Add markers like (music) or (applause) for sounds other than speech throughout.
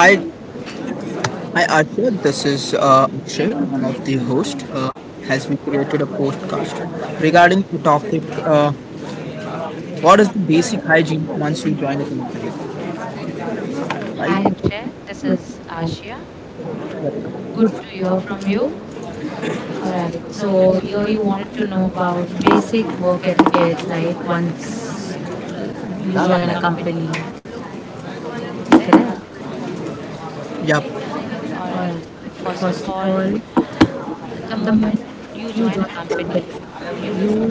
Hi, hi Arsha. This is Akshay, one of the hosts. Has we created a podcast regarding the topic? What is the basic hygiene once you join a company, right? Hi Hi, Akshay, this good is um, Ashia. Good to hear good from to hear you. you. All All right, right. so So here here you you want wanted to to know know about about basic basic work work etiquette, etiquettes, right? right? Once Once uh, you you join a join a company, company, correct? correct? Yep. All All right. right. First of First of all, all, the the moment moment you you join join a a company, company, you you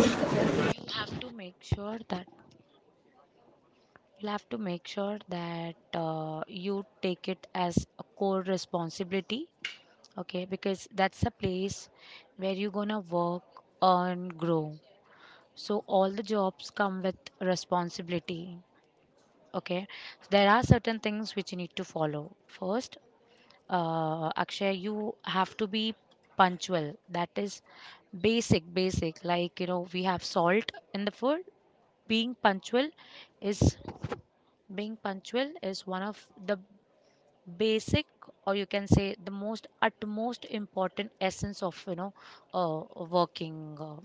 you have to make sure that you take it as a core responsibility, okay? Because that's the place where you're gonna work, earn, grow, so all the jobs come with responsibility, okay. So, there are certain things which you need to follow first. Akshay, you have to be punctual. That is basic, like, you know, we have salt in the food. being punctual is Being punctual is one of the basic, or you can say the most utmost important essence of, you know, uh, working,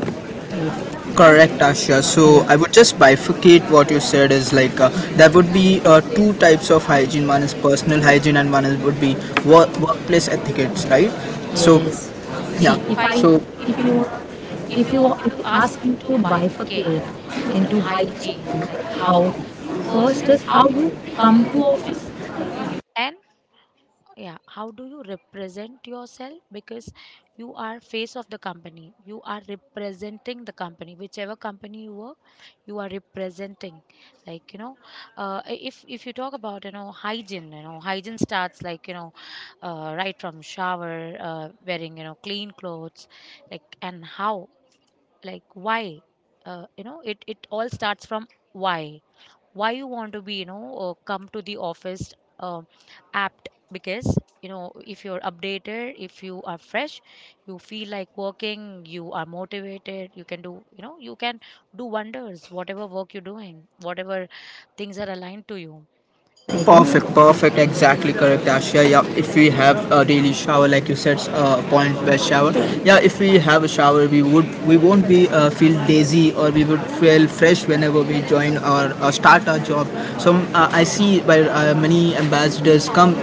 like, correct, Asha. yeah, So I would just bifurcate what you said is like there would be two types of hygiene. One is personal hygiene, and one is would be workplace etiquettes, right? So, yes. yes. Yeah. see See, if if i I, So if if you you, are, if if you you ask ask me me to to bifurcate bifurcate into into hygiene, hygiene, like, how? how, First first is is how how you you come come to to office, office. and, yeah, how do you represent yourself? Because you are face of the company, you are representing the company. Whichever company you work, you are representing, like, you know. If you talk about, you know, hygiene, you know hygiene starts, like, you know, right from shower, wearing, you know, clean clothes, like, and how, like, why, you know, it all starts from why why you want to, be you know, come to the office, apt. Because, you know, if you're updated, if you are fresh, you feel like working, you are motivated, you can do, you know, you can do wonders, whatever work you're doing, whatever things are aligned to you, like. Perfect, perfect, exactly correct, Asha. Yeah, if we have a daily shower, like you said, point best shower. Yeah, if we have a shower, we won't be feel lazy, or we would feel fresh whenever we join or start our job. So I see where many ambassadors come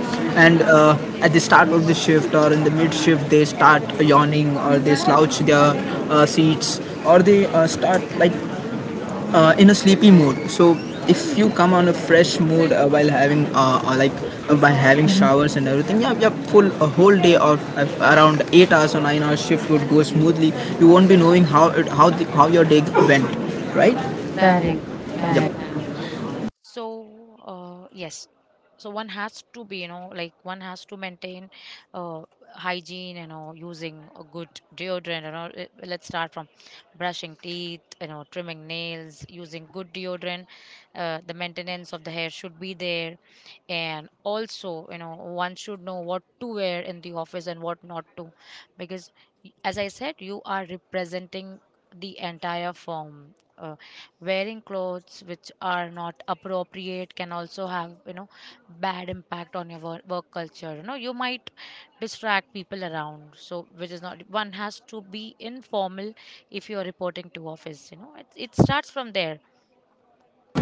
and at the start of the shift or in the mid shift they start yawning or they slouch their seats, or they start like in a sleepy mood. So if you come on a fresh mood while having like by having showers and everything, yeah, yeah, full a whole day of around Mhm. 8 hours or 9 hours shift would go smoothly. You won't be knowing how it, how the, how your day went, right? Correct. Correct, Correct. correct, correct. Yep. So, yes. So one has to be, you know, like, one has to maintain uh, hygiene, you know, using a good deodorant, you know. Let's start from brushing teeth, you know, trimming nails, using good deodorant. The maintenance of the hair should be there, and also, you know, one should know what to wear in the office and what not to, because as I said, you are representing the entire firm. Wearing clothes which are not appropriate can also have, you know, bad impact on your work culture. You know, you might distract people around, so which is not, one has to be informal. If you are reporting to office, you know, it starts from there.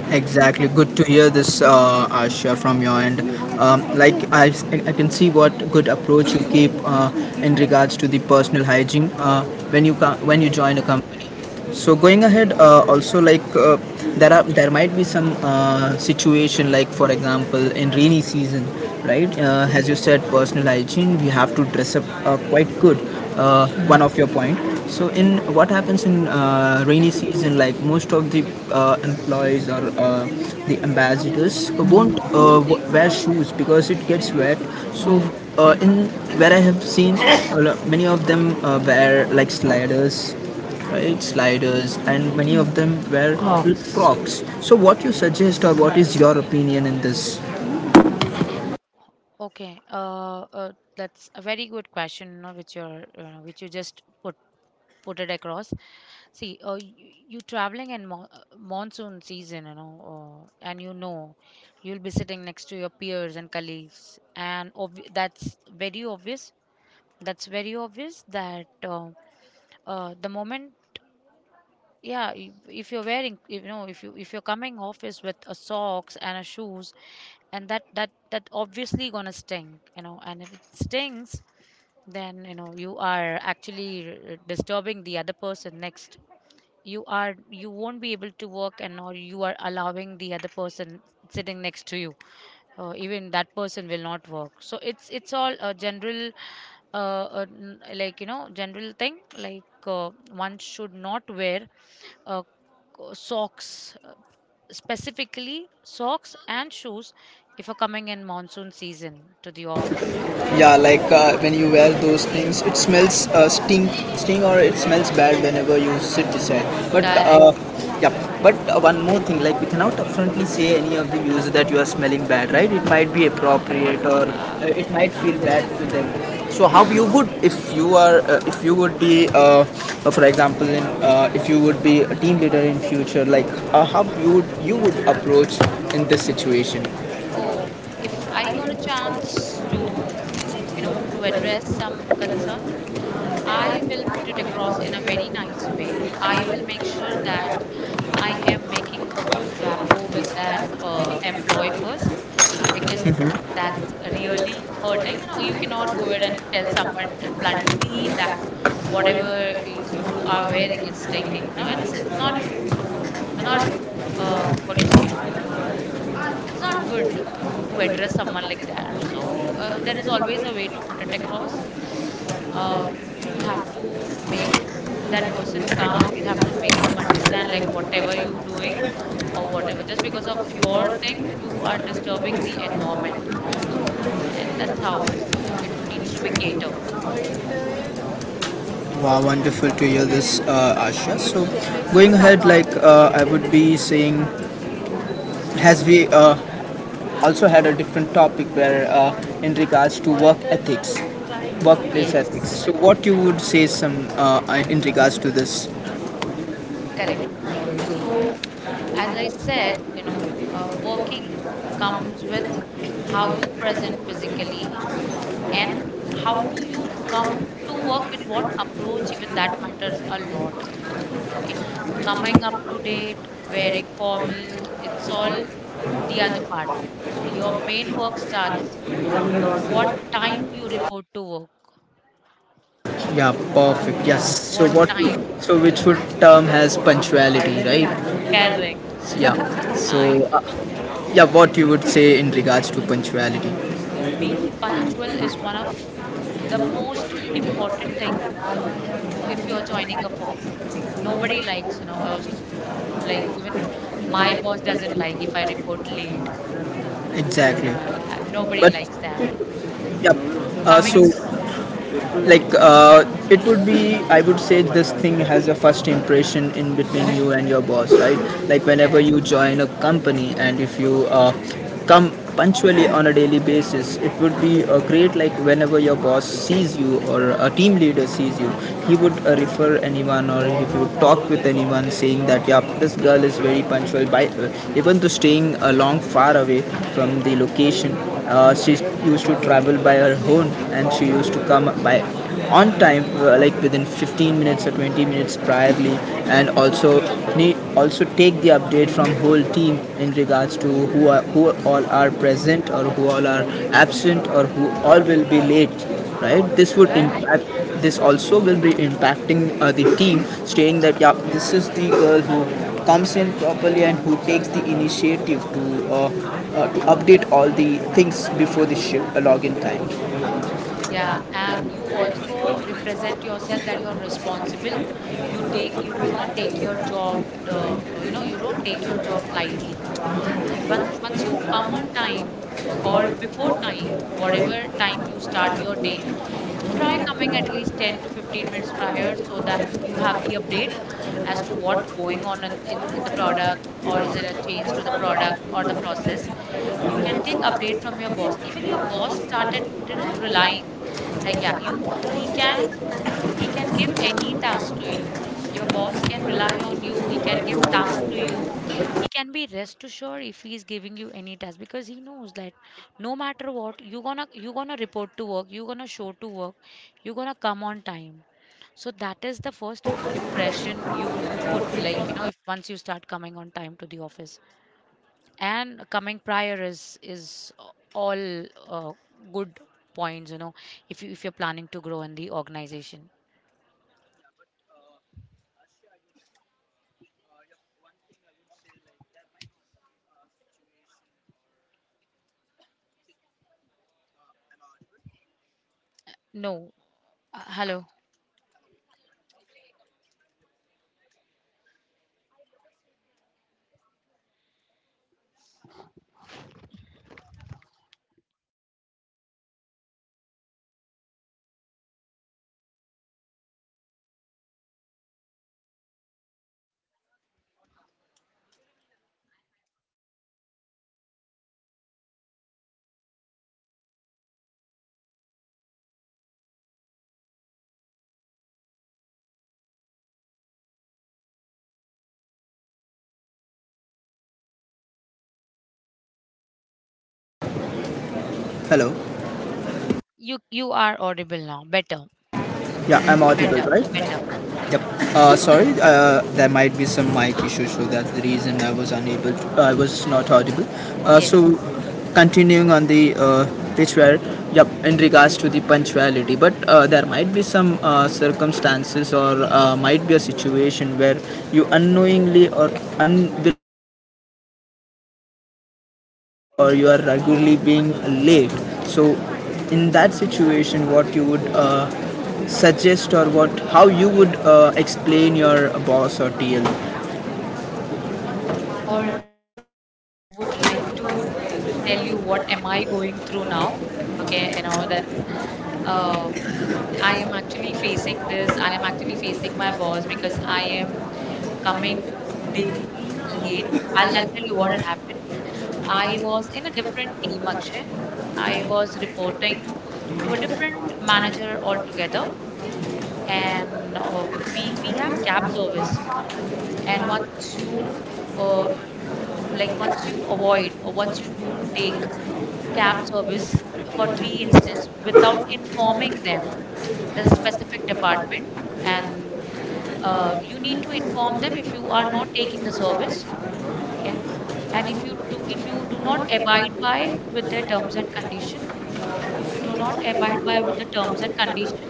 Exactly. Good to hear this, Asha, from your end. Like I can see what good approach you keep in regards to the personal hygiene when when you join a company. So going ahead, also like there might be some situation, like for example in rainy season, right? As you said, personal hygiene we have to dress up quite good, one of your point. So in what happens in rainy season, like most of the employees or the ambassadors Mhm. won't wear shoes because it gets wet. So Mhm. In where I have seen many of them wear like sliders, right, sliders, and many of them wear Crocs, Crocs. crocs. So what you suggest or what is your opinion in this? Okay, that's a very good question, you know, which you're, you know, which you just put it across. See, you, you traveling in monsoon season, you know, and, you know, you'll be sitting next to your peers and colleagues, and that's very obvious. That's very obvious that. The moment, yeah, if you're wearing, you know, if you, if you're coming office with a socks and a shoes, and that obviously gonna stink, you know, and if it stinks, then, you know, you are actually disturbing the other person next. You are, you won't be able to work, and or you are allowing the other person sitting next to you, even that person will not work. So it's all a general uh, like, you know, general thing, like, one should not wear uh, socks, specifically socks and shoes, if you're coming in monsoon season to the office. Yeah, like when you wear those things it smells stink, stink, or it smells bad whenever you sit beside, but Correct. yeah. But one more thing, like we cannot upfrontly say any of the views that you are smelling bad, right? It might be appropriate, or Yeah. It might feel bad to them. So how you would, if you are if you would be for example in if you would be a team leader in future, like how you would, you would approach in this situation? Oh, if I got a chance to, you know, to address some concern, I will put it across in a very nice way. I will make sure that I am making a good rapport with that employee first, because that's really hurting. You know, you cannot go ahead and tell someone bluntly that whatever you are wearing is stinking. You know, it's not what do you say? It's not good to address someone like that. So there is always a way to put it across. You'll have to make that person calm. You'll have to make them understand, like, whatever you're doing or whatever. Just because of your thing, you are disturbing the environment, and that's how it needs to be catered. Wow, wonderful to hear this, Asha. So, going ahead, like I would be saying, has we also had a different topic where, in regards to work ethics, workplace ethics. Yes, So, what you would say some in regards to this? correct. So, as I said, you know, working comes with how you present physically, and how do you come to work with what approach, even that matters a lot. Okay, coming up to date, wearing formal, it's all the other part. Your main work starts what time you report to work. Yeah, perfect. Yeah, Yes. So, what what? time? So, which would term has punctuality, right? Correct. Yeah. So, I yeah, what you would say in regards to punctuality? Being punctual is one of the most important thing if you are joining a firm. Nobody likes, you know, uh, like, even my boss doesn't like if I report late. Exactly. Yeah, nobody But likes that. Mhm. yeah. Uh, coming so Mhm. like it would be, I would say, this thing has a first impression in between you and your boss, right? Like whenever correct you join a company, and if you come punctually on a daily basis, it would be great. Like whenever your boss sees you or a team leader sees you, he would refer anyone, or if you talk with anyone saying that yeah, this girl is very punctual by even though staying a long far away from the location, she used to travel by her own, and she used to come by on time, like within 15 minutes or 20 minutes priorly, and also also take the update from whole team in regards to who are, who all are Mhm. present, or who all are absent, or who all will be late, right? This would impact, Correct, this also will be impacting the team, stating that yeah, this is the girl who comes in properly and who takes the initiative uh, to update all the things before the ship login time. yeah, and you also represent yourself that you are responsible. You do not take your job you know, you don't take your job lightly. You, once you come on time or before time, whatever time you start your day, try coming at least 10 to 15 minutes prior, so that you have the update as to what going on in, in the product, or is there a change to the product or the process. You can take update from your boss. Even your boss started, you know, relying. Like, yeah, you he can, he can give any task to you. Your boss can rely on you. He can give tasks to you. He can be rest assured if he is giving you any task, because he knows that no matter what, you gonna report to work. You gonna show to work. You gonna come on time. So that is the first impression you put. Like, you know, if once you start coming on time to the office, and coming prior is all uh, good points, you know, if you, if you're planning to grow in the organization. No, hello. Hello, You are audible now. Better, yeah, I'm audible, right? better. Yep. Sorry, there might be some mic issues, so that's the reason I was unable. To, I was not audible. Uh, Yes. so, continuing on the pitch where, yep, in regards to the punctuality, but there might be some circumstances or might be a situation where you unknowingly or unwillingly you come up late, or you are regularly being late. So, in that situation, what you would suggest, or what, how you would explain your boss or TL? All right. So I would like to tell you what am I going through now. Okay, you know that's. Uh, I am actually facing this. I am actually facing my boss because I am coming daily late. I'll tell you what had happened. I was in a different team, Akshay. I was reporting to a different manager altogether, and we have cab service, and once Oh, you uh, like, once you avoid, or once you don't take cab service for three instance without informing them. There's a specific department, and you need to inform them if you are not taking the service, okay. And if you do not abide by with their terms and condition, if you do not abide by with the terms and condition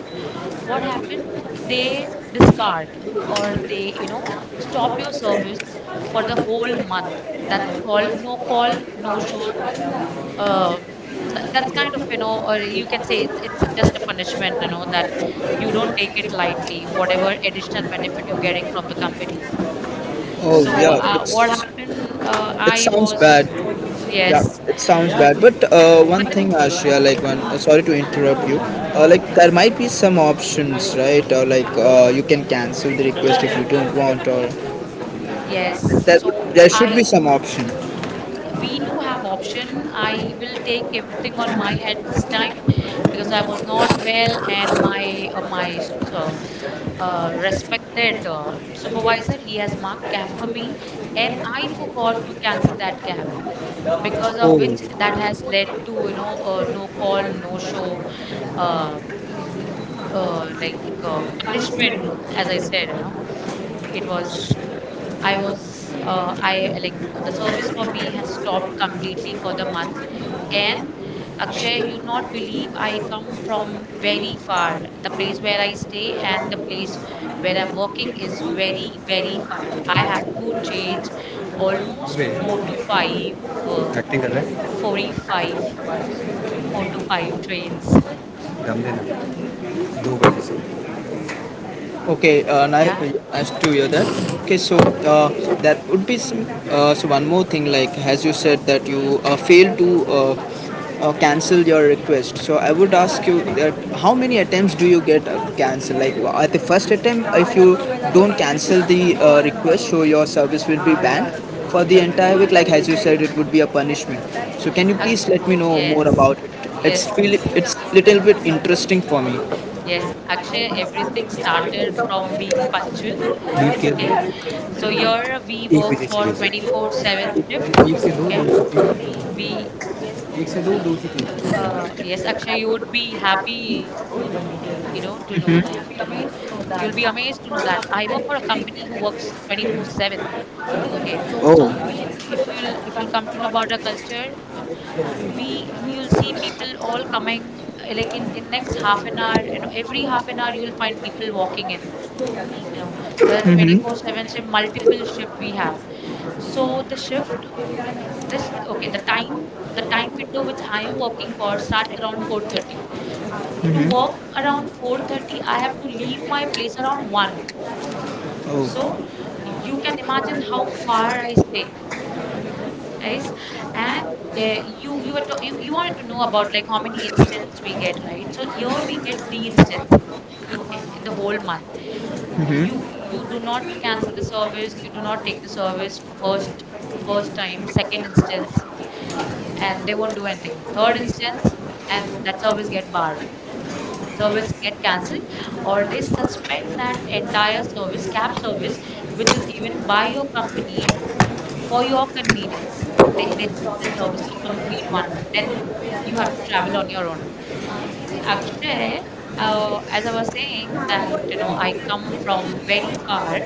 what happened, they discard, or they, you know, stop your service for the whole month. That's called no call no show. um, that's kind of, you know, or you can say it's just a punishment, you know, that you don't take it lightly whatever additional benefit you're getting from the company. So yeah, what it's, happened, it I sounds was bad. Yes, Yeah, it sounds bad. But one but then thing, Ashia, like one. (sighs) Sorry to interrupt you. Mm, mm, Like there might be some options, right? Or like you can cancel the request if you don't want, or yes, like, there would, so there should be I. some option. Yeah, we do have option. I will take everything on my head this time, because I was not well, and my respected supervisor, he has marked cab for me, and I forgot to cancel that cab, because oh of which that has led to, you know, no call, no show, uh, like, punishment. As I said, you know, it was. I was I like the service for me has stopped completely for the month. And Akshay, you not believe, I come from very far. The place where I stay and the place where I'm working is very, very far. I have to change almost way four to five, uh, cutting कर रहा है 45, four to five trains. दम देना दो बजे से. Okay, nice, Yeah. nice to hear that. Okay, so uh, that would be some, so one more thing. Like as you said that you failed to cancel your request. So I would ask you that, how many attempts do you get cancel? Like at the first attempt, if you don't cancel the request, so your service will be banned for the entire week. Like as you said, it would be a punishment. So can you Ak- please let me know yes. more about it? Yes. It's feel it's little bit interesting for me. Yes. Akshay, everything started from being punctual. एक Okay. Minute So here we एक work minute एक for minute 24/7 shift. एक से दो Okay. दो से तीन We एक से दो दो से Uh, तीन yes, Akshay, you would be happy, you know, to know that, you know, you'll be amazed to know that I work for a company who works 24/7. Okay, so O you, if you'll come to know about our culture, we will see people all coming like, in next half an hour. You know, every half an hour you will find people walking in. You know, the hmm 24/7 shift, multiple shift we have. So the shift, this okay, the time, the time window which I am working for starts around 4:30 to work around 4:30. I have to leave my place around 1, so O. you can imagine how far I stay, right? And you wanted to know about like how many instances we get, right? So here we get 3 instances, okay, in the whole month. you you do not cancel the service, you do not take the service for first, first time. Second instance, and they won't do anything. Third instance, and that service get barred, service get cancelled, or they suspend that entire service, cab service which is given by your company for your convenience. They stop that service for complete 1 month, Then then it will you have to travel on be, your own. Actually, as I was saying that you know I come from very far,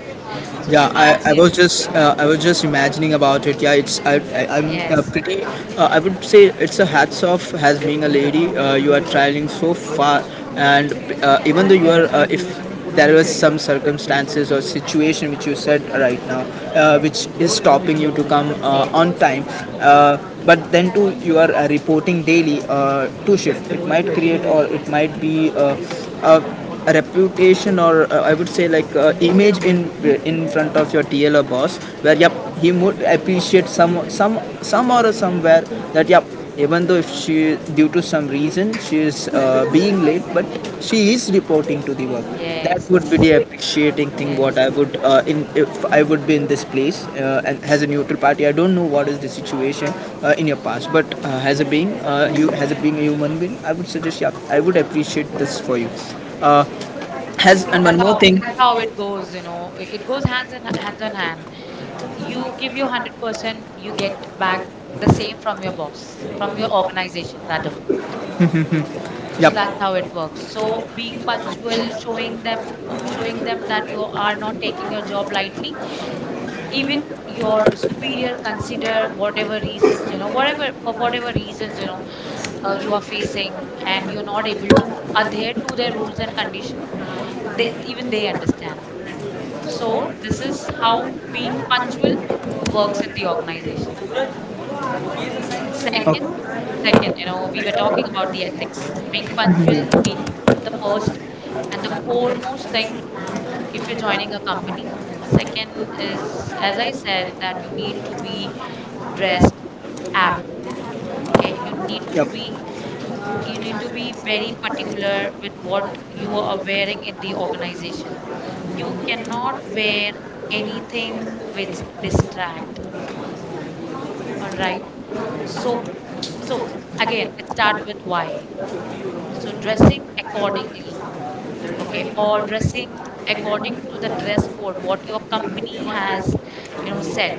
so just yeah, imagine. I was just imagining about it. Yeah, it's, I I'm Yes, pretty. I would say it's a hats off as being a lady. You are traveling so far, and even though you are, if there was some circumstances or situation which you said right now, which is stopping you to come on time. Uh, but then too, you are reporting daily to shift. It might create, or it might be uh, a reputation, or I would say like image in front of your TL or boss, where yep, he would appreciate some or somewhere that yep, even though if she, due to some reason, she is being late, but she is reporting to the work, that would yes, be the appreciating thing what yes. I would in, if I would be in this place, and as a neutral party, I don't know what is the situation in your past, but as a being, you, as a being a human being, I would suggest yeah, I would appreciate this for you, has See, and that's one more how thing. that's how it goes. You know, it goes hands in hands on hand. You give your 100%, you get back the same from your boss, from your organization rather. So that's Yep. how it works. So being punctual, showing them showing them that you are not taking your job lightly, even your superior consider whatever reasons, you know, whatever for whatever reasons, you know, you are facing and you're not able to adhere to their rules and condition, they, even they understand. So this is how being punctual works in the organization. Second. Okay, Second, you know, we were talking about the ethics, being punctual, being the first and the core most thing if you're joining a company. Second is, as I said, that you need to be dressed apt. Okay, you need to be, you need to be very particular with what you are wearing in the organization. You cannot wear anything which distract. All right. So so again, it start with why. So dressing accordingly, okay, or dressing according to the dress code what your company has, you know, set,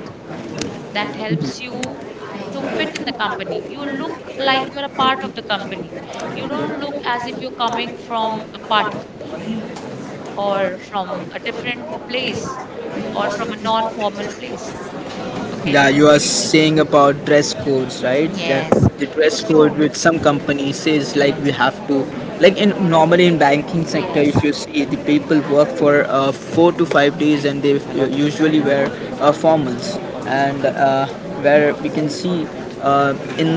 that helps you to fit in the company. You look like you're a part of the company. You don't look as if you're coming from a party or from a different place or from a non formal yep. place. Okay. Yeah, you are It's true. saying about dress codes, right? Yeah, Yes. the It dress code shows. with some companies says like Yes, we have to, like in yes, normally in banking sector, yes, if you see the people work for 4 to 5 days, and they usually wear formals, and where we can see uh, in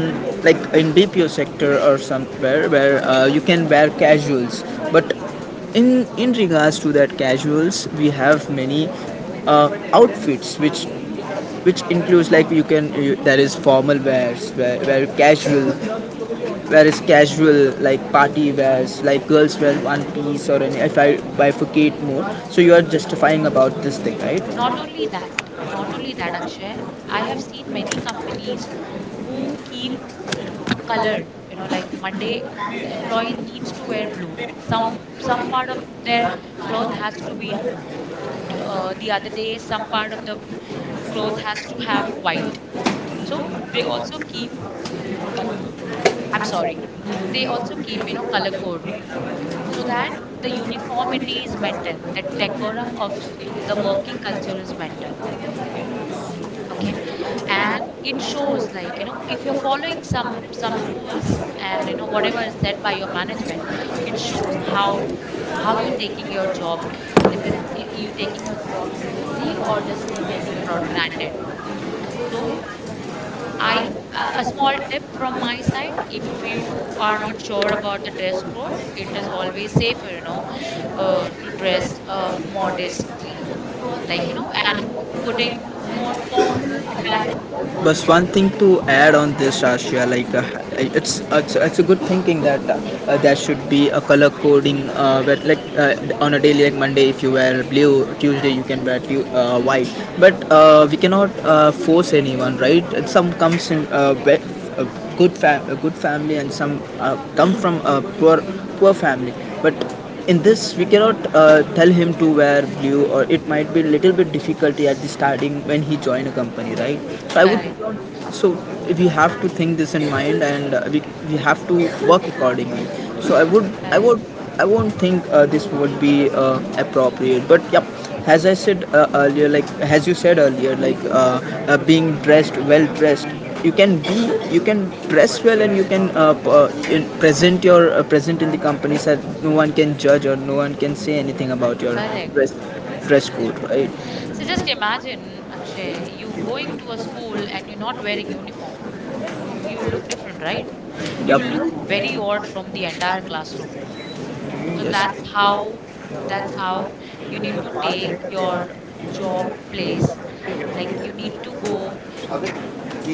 like in BPO sector or somewhere where you can wear casuals, but yes. In regards to that casuals, we have many outfits which includes like you can you, there is formal wears where casual where is casual, like party wears, like girls wear one piece, or any, if I bifurcate more, so you are justifying about this thing, right? Not only that not only that Akshay, I have seen many companies who keep r- color, you know, like Monday the employee needs to wear blue. Some part of their cloth has to be in blue. The other day, some part of the cloth has to have white. So they also keep col- I'm sorry, they also keep, you know, color code so that the uniformity is maintained, the decorum of the working culture is maintained. Okay. And it shows like, you know, if you're following some rules and, you know, whatever is said by your management, it shows how you're taking your job. Is it you taking your, taking it for granted? So a small tip from my side: if you are not sure about the dress code, it is always safer, you know, to dress modestly, like you know, and putting more formal attire. But Okay. one thing to add on this, Ashia, like Mhm. It's a good thinking that there should be a color coding. Where, like on a day like Monday, if you wear blue, Tuesday you can wear white. But we cannot force anyone, right? Some comes in a good a good family, and some come from a poor poor family, but in this we cannot tell him to wear blue, or it might be little bit difficulty at the starting when he join a company, right? So I Correct, would, so we have to think this in mind, and we have to work accordingly. So I would, I correct, would, I won't think this would be appropriate, but yep. As I said earlier, like as you said earlier, being dressed, well dressed, you can dress well, and you can present your present in the company so that no one can judge or no one can say anything about your correct. dress dress Correct. code, right? So just imagine, Akshay, you going to a school and you're not wearing uniform. You will look different, right? You will look Yep. very odd from the entire classroom. So Yes. that's how you need to take your job place. Like you need to go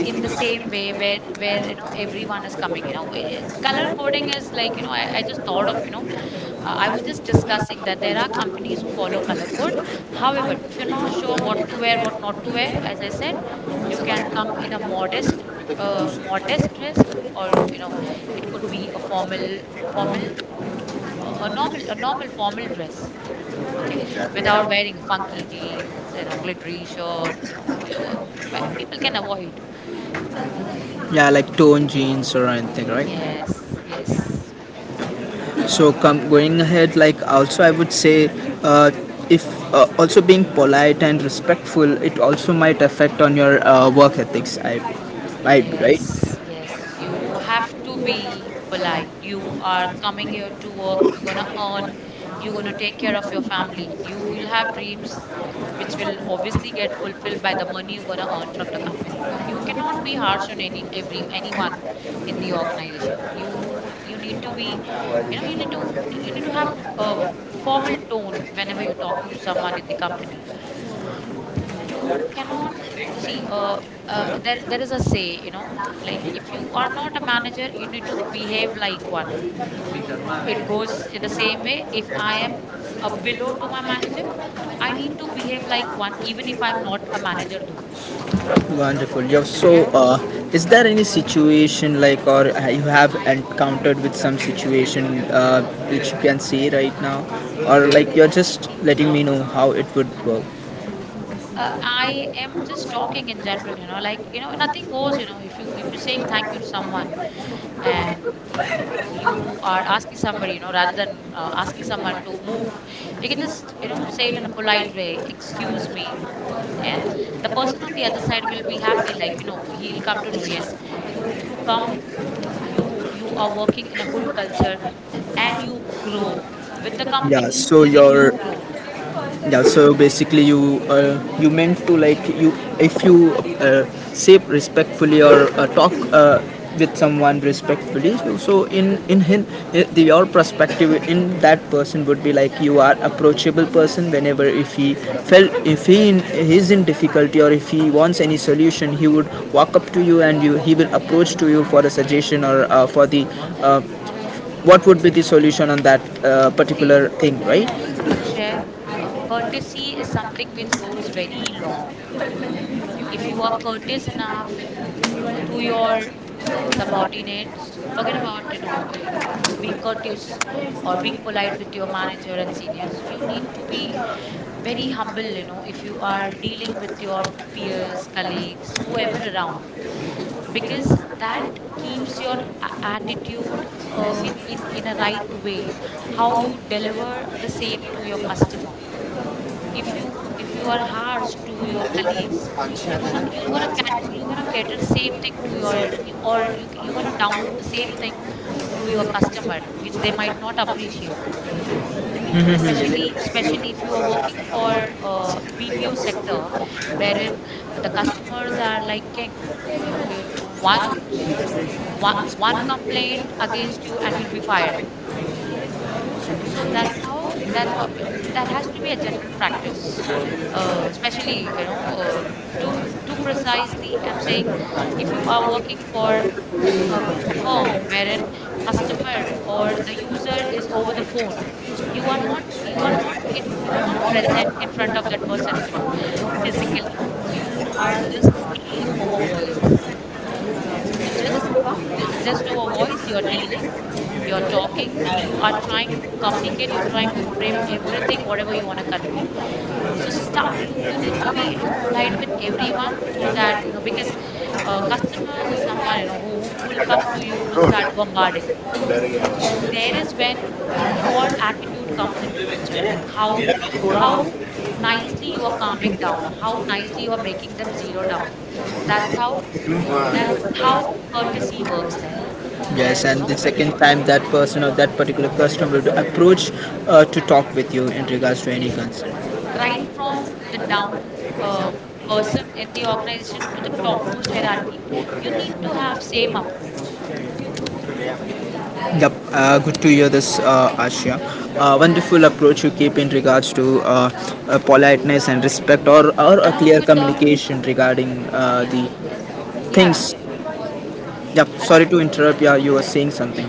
in the same way where, you know, everyone is coming. You know, color coding is like, you know, I just thought of, you know, I was just discussing that there are companies who follow color code. However, if you're not sure what to wear, what not to wear, as I said, you can come in a modest, modest dress, or, you know, it could be a formal, formal, a normal, a normal formal dress. Okay. Without wearing funky jeans, you know, glittery shirt, you know, people can avoid. Yeah, like tone jeans or anything, right? Yes, yes, So come going ahead, like also I would say, uh, if also being polite and respectful, it also might affect on your work ethics. I might be yes, right. yes. You have to be polite. You are coming here to work. You're gonna earn. You're gonna take care of your family. You will have dreams which will obviously get fulfilled by the money you're gonna earn from the company. You cannot be harsh on any, every, anyone in the organization. You need to be, you know, you need to, you need to have a formal tone whenever you're talking to someone in the company. You cannot see, there, there is a say, you know, like if you are not a manager, you need to behave like one. It goes in the same way. If I am a below to my manager, I need to behave like one, even if I'm not a manager though. Wonderful. Yeah. So, Yeah. Is there any situation like, or you have encountered with some situation which you can see right now, or like you're just letting me know how it would work? I am just talking in general, you know, like, you know, nothing goes, you know, if you, if you're saying thank you to someone, and you are asking somebody, you know, rather than asking someone to move, you can just, you know, say it in a polite way, excuse me, and the person on the other side will be happy. Like, you know, he'll come to know, yes, you come, you are working in a good culture, and you grow with the Yeah. company, So even you your grow. yeah so basically you meant to like you if you uh, say respectfully or talk with someone respectfully so in him the, your perspective in that person would be like you are approachable person whenever if he felt if he in, he's in difficulty or if he wants any solution he would walk up to you and you he will approach to you for a suggestion or for the uh, what would be the solution on that See, particular thing Akshay, courtesy is something which goes very long. If you are courteous enough to your subordinates, forget about, you know, you being courteous or being polite with your manager and seniors, you need to be very humble, you know, if you are dealing with your peers, colleagues, whoever around, because that keeps your attitude in a right way, how you deliver right. the same to your customer. If you, if you are harsh to your colleagues, you're gonna cater same thing to your, you know, you, or you you're gonna download the same thing to your customer, which they might not appreciate, especially, especially if you are working for BPO sector, wherein the customers are like king, you know. One one one complaint against you and you'll be fired. So that's how but that has to be a general practice, especially, you know, to to precisely I'm saying, if you are working for a, a form wherein customer or the user is over the phone, you are not present in front of that person, you know, physically. You are just dealing over voice. It just, it's just over voice you're dealing, you're talking. You are trying to communicate, you're trying to frame everything whatever you want to convey. So you need to be, you know, polite with everyone, so that, you know, because customers are someone, you know, who will come to you, who will start bombarding. So there is when your attitude comes into picture, like how nicely you are calming down, how nicely you are making them zero down. That's how that's how courtesy works there. Yes, That's, you and know, the where, second time that person or that particular person will approach to talk with you in regards to any yes, concern. right from the down uh, person in the organization to the topmost hierarchy, you need to have same approach. Yep, good to hear this, Asha. Wonderful approach you keep in regards to politeness and respect, or a Along clear with the, communication regarding yeah, the yeah, things. Akshay. Yep, Al- sorry to interrupt. Yeah, you were saying something.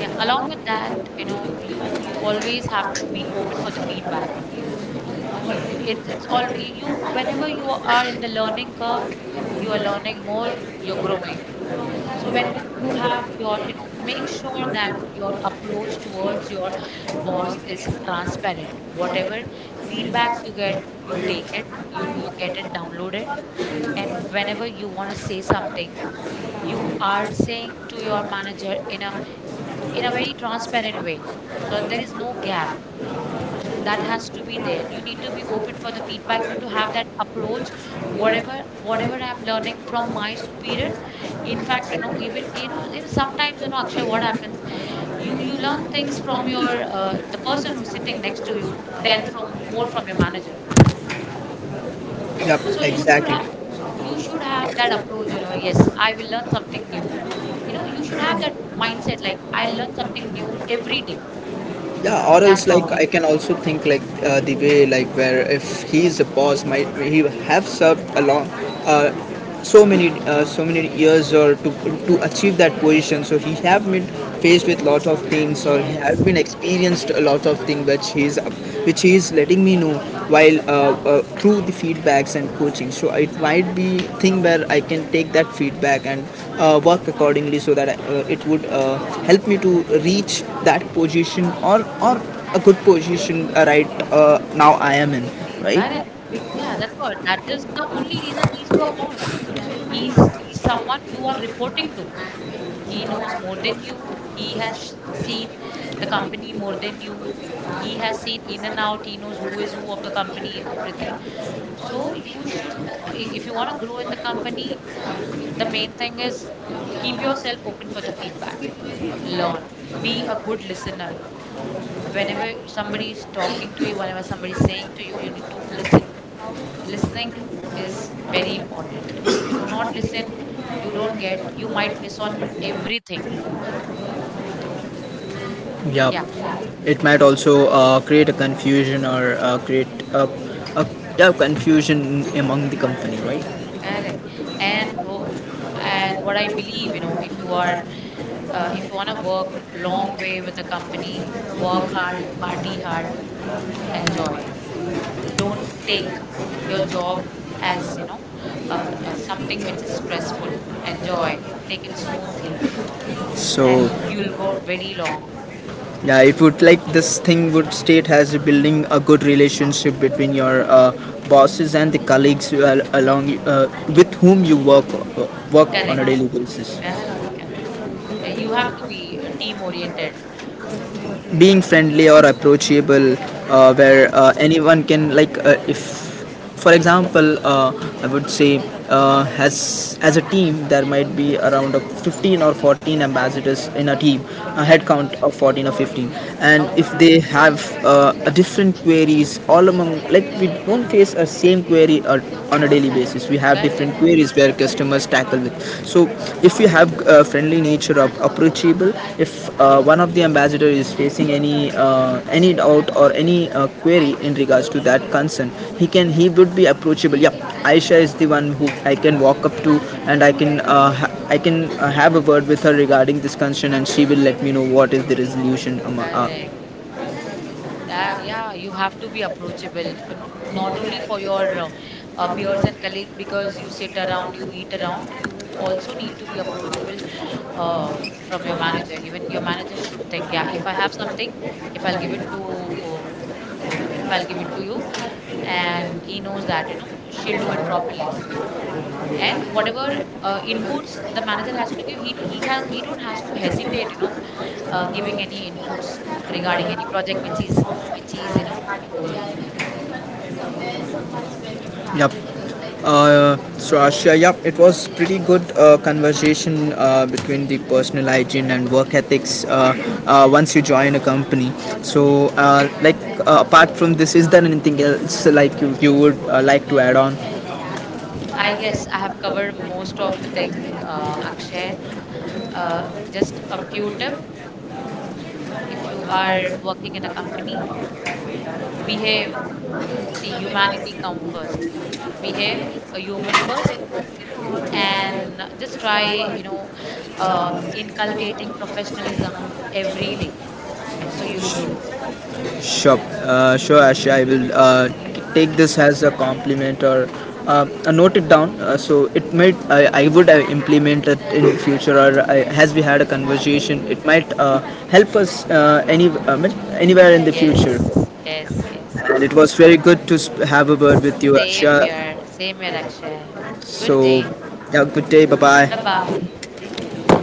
yeah, along with that, you know, you always have to be open for the feedback. It's all, you, whenever you are in the learning curve, you are learning more, you're growing. So when you have your, you know, make sure that your approach towards your boss is transparent. Whatever feedbacks you get, you take it, you get it, download it. And whenever you want to say something, you are saying to your manager in a, in a very transparent way, so there is no gap. So that has to be there. You need to be open for the feedback. You need to have that approach. Whatever, whatever I'm learning from my superior. In fact, you know, even, you know, sometimes, you know, Akshay, what happens? You learn things from your the person who's sitting next to you, then from more from your manager. Yep, So you should exactly. have, you should have that approach. You know, yes, I will learn something new. You know, you should have that mindset. Like I learn something new every day. Yeah, or That's else like how you I can grow. also think like the way like where if he's a boss might he have served along uh, so many years or to achieve that position so he have been faced with lot of things or he Yes. had been experienced a lot of thing which he's letting me know while through the feedbacks and coaching so it might be thing where I can take that feedback and work accordingly so that it would help me to reach that position or a good position right now I am in right. Correct. Yeah, that's what. That is the only reason he's your boss. He's someone you are reporting to. He knows more than you. He has seen the company more than you. He has seen in and out. He knows who is who of the company and everything. So you should, if you want to grow in the company, the main thing is keep yourself open for the feedback. Learn. Be a good listener. Whenever somebody is talking to you, whenever somebody is saying to you, you need to listen. Listening is very important. If you do not listen, you don't get, you might miss on everything. Yeah, Yeah. it might also create a confusion or create a, a, yeah, confusion among the company, right? Correct. and wo- and what I believe, you know, if you are if you want to work a long way with the company, work hard, party hard, enjoy. Don't take your job as, you know, something which is stressful. Enjoy, take it smoothly, So and you'll go very long. yeah, it would like this thing would state as building a good relationship between your bosses and the colleagues you along with whom you work work on Correct. a daily basis. Correct, correct, correct. You have to be team oriented. Being (laughs) friendly or approachable where Yes. Anyone can like if for example I would say as a team there might be around 15 or 14 ambassadors in a team, a head Mm. count of 14 or 15. And Oh, if they have a different queries all among, like we don't face a same query on a daily basis, we have different correct, different queries where customers tackle with. So if you have friendly nature, of approachable, if one of the ambassador is facing any doubt or any query in regards to that concern, he would be approachable. Yeah, Aisha is the one who I can walk up to and I can have a word with her regarding this concern and she will let me know what is the resolution correct. Yeah, you have to be approachable, not only for your peers and colleagues, because you sit around, you eat around. You also need to be approachable uh, from your manager. Even your manager should think, yeah, if I have something, if I'll give it to, if I'll give it to you, and he knows that, you know, she'll do it properly. And whatever inputs the manager has to give, he has, he don't has to hesitate, you know, giving any inputs regarding any project which is, which is, you know, over to him. Yep. So Asha, yep, it was pretty good conversation between the personal hygiene and work ethics once you join a company. So, like apart from this, is there anything else like you would like to add on? I guess I have covered most of the thing, Akshay. Uh, just a few tips. If you are working in a company, behave. See, humanity comes first. Behave a human first, and just try, you know, inculcating professionalism every day, so you'll grow. Sure, sure, Asha. I will take this as a compliment or note it down. So it might I would implement it in future, or I, as we had a conversation, it might help us any anywhere in the Yes, future. yes, yes, And yes. it was very good to have a word with you, Asha. Same here, Akshay. Good So day. yeah, good day. Bye Bye bye. bye. Take care.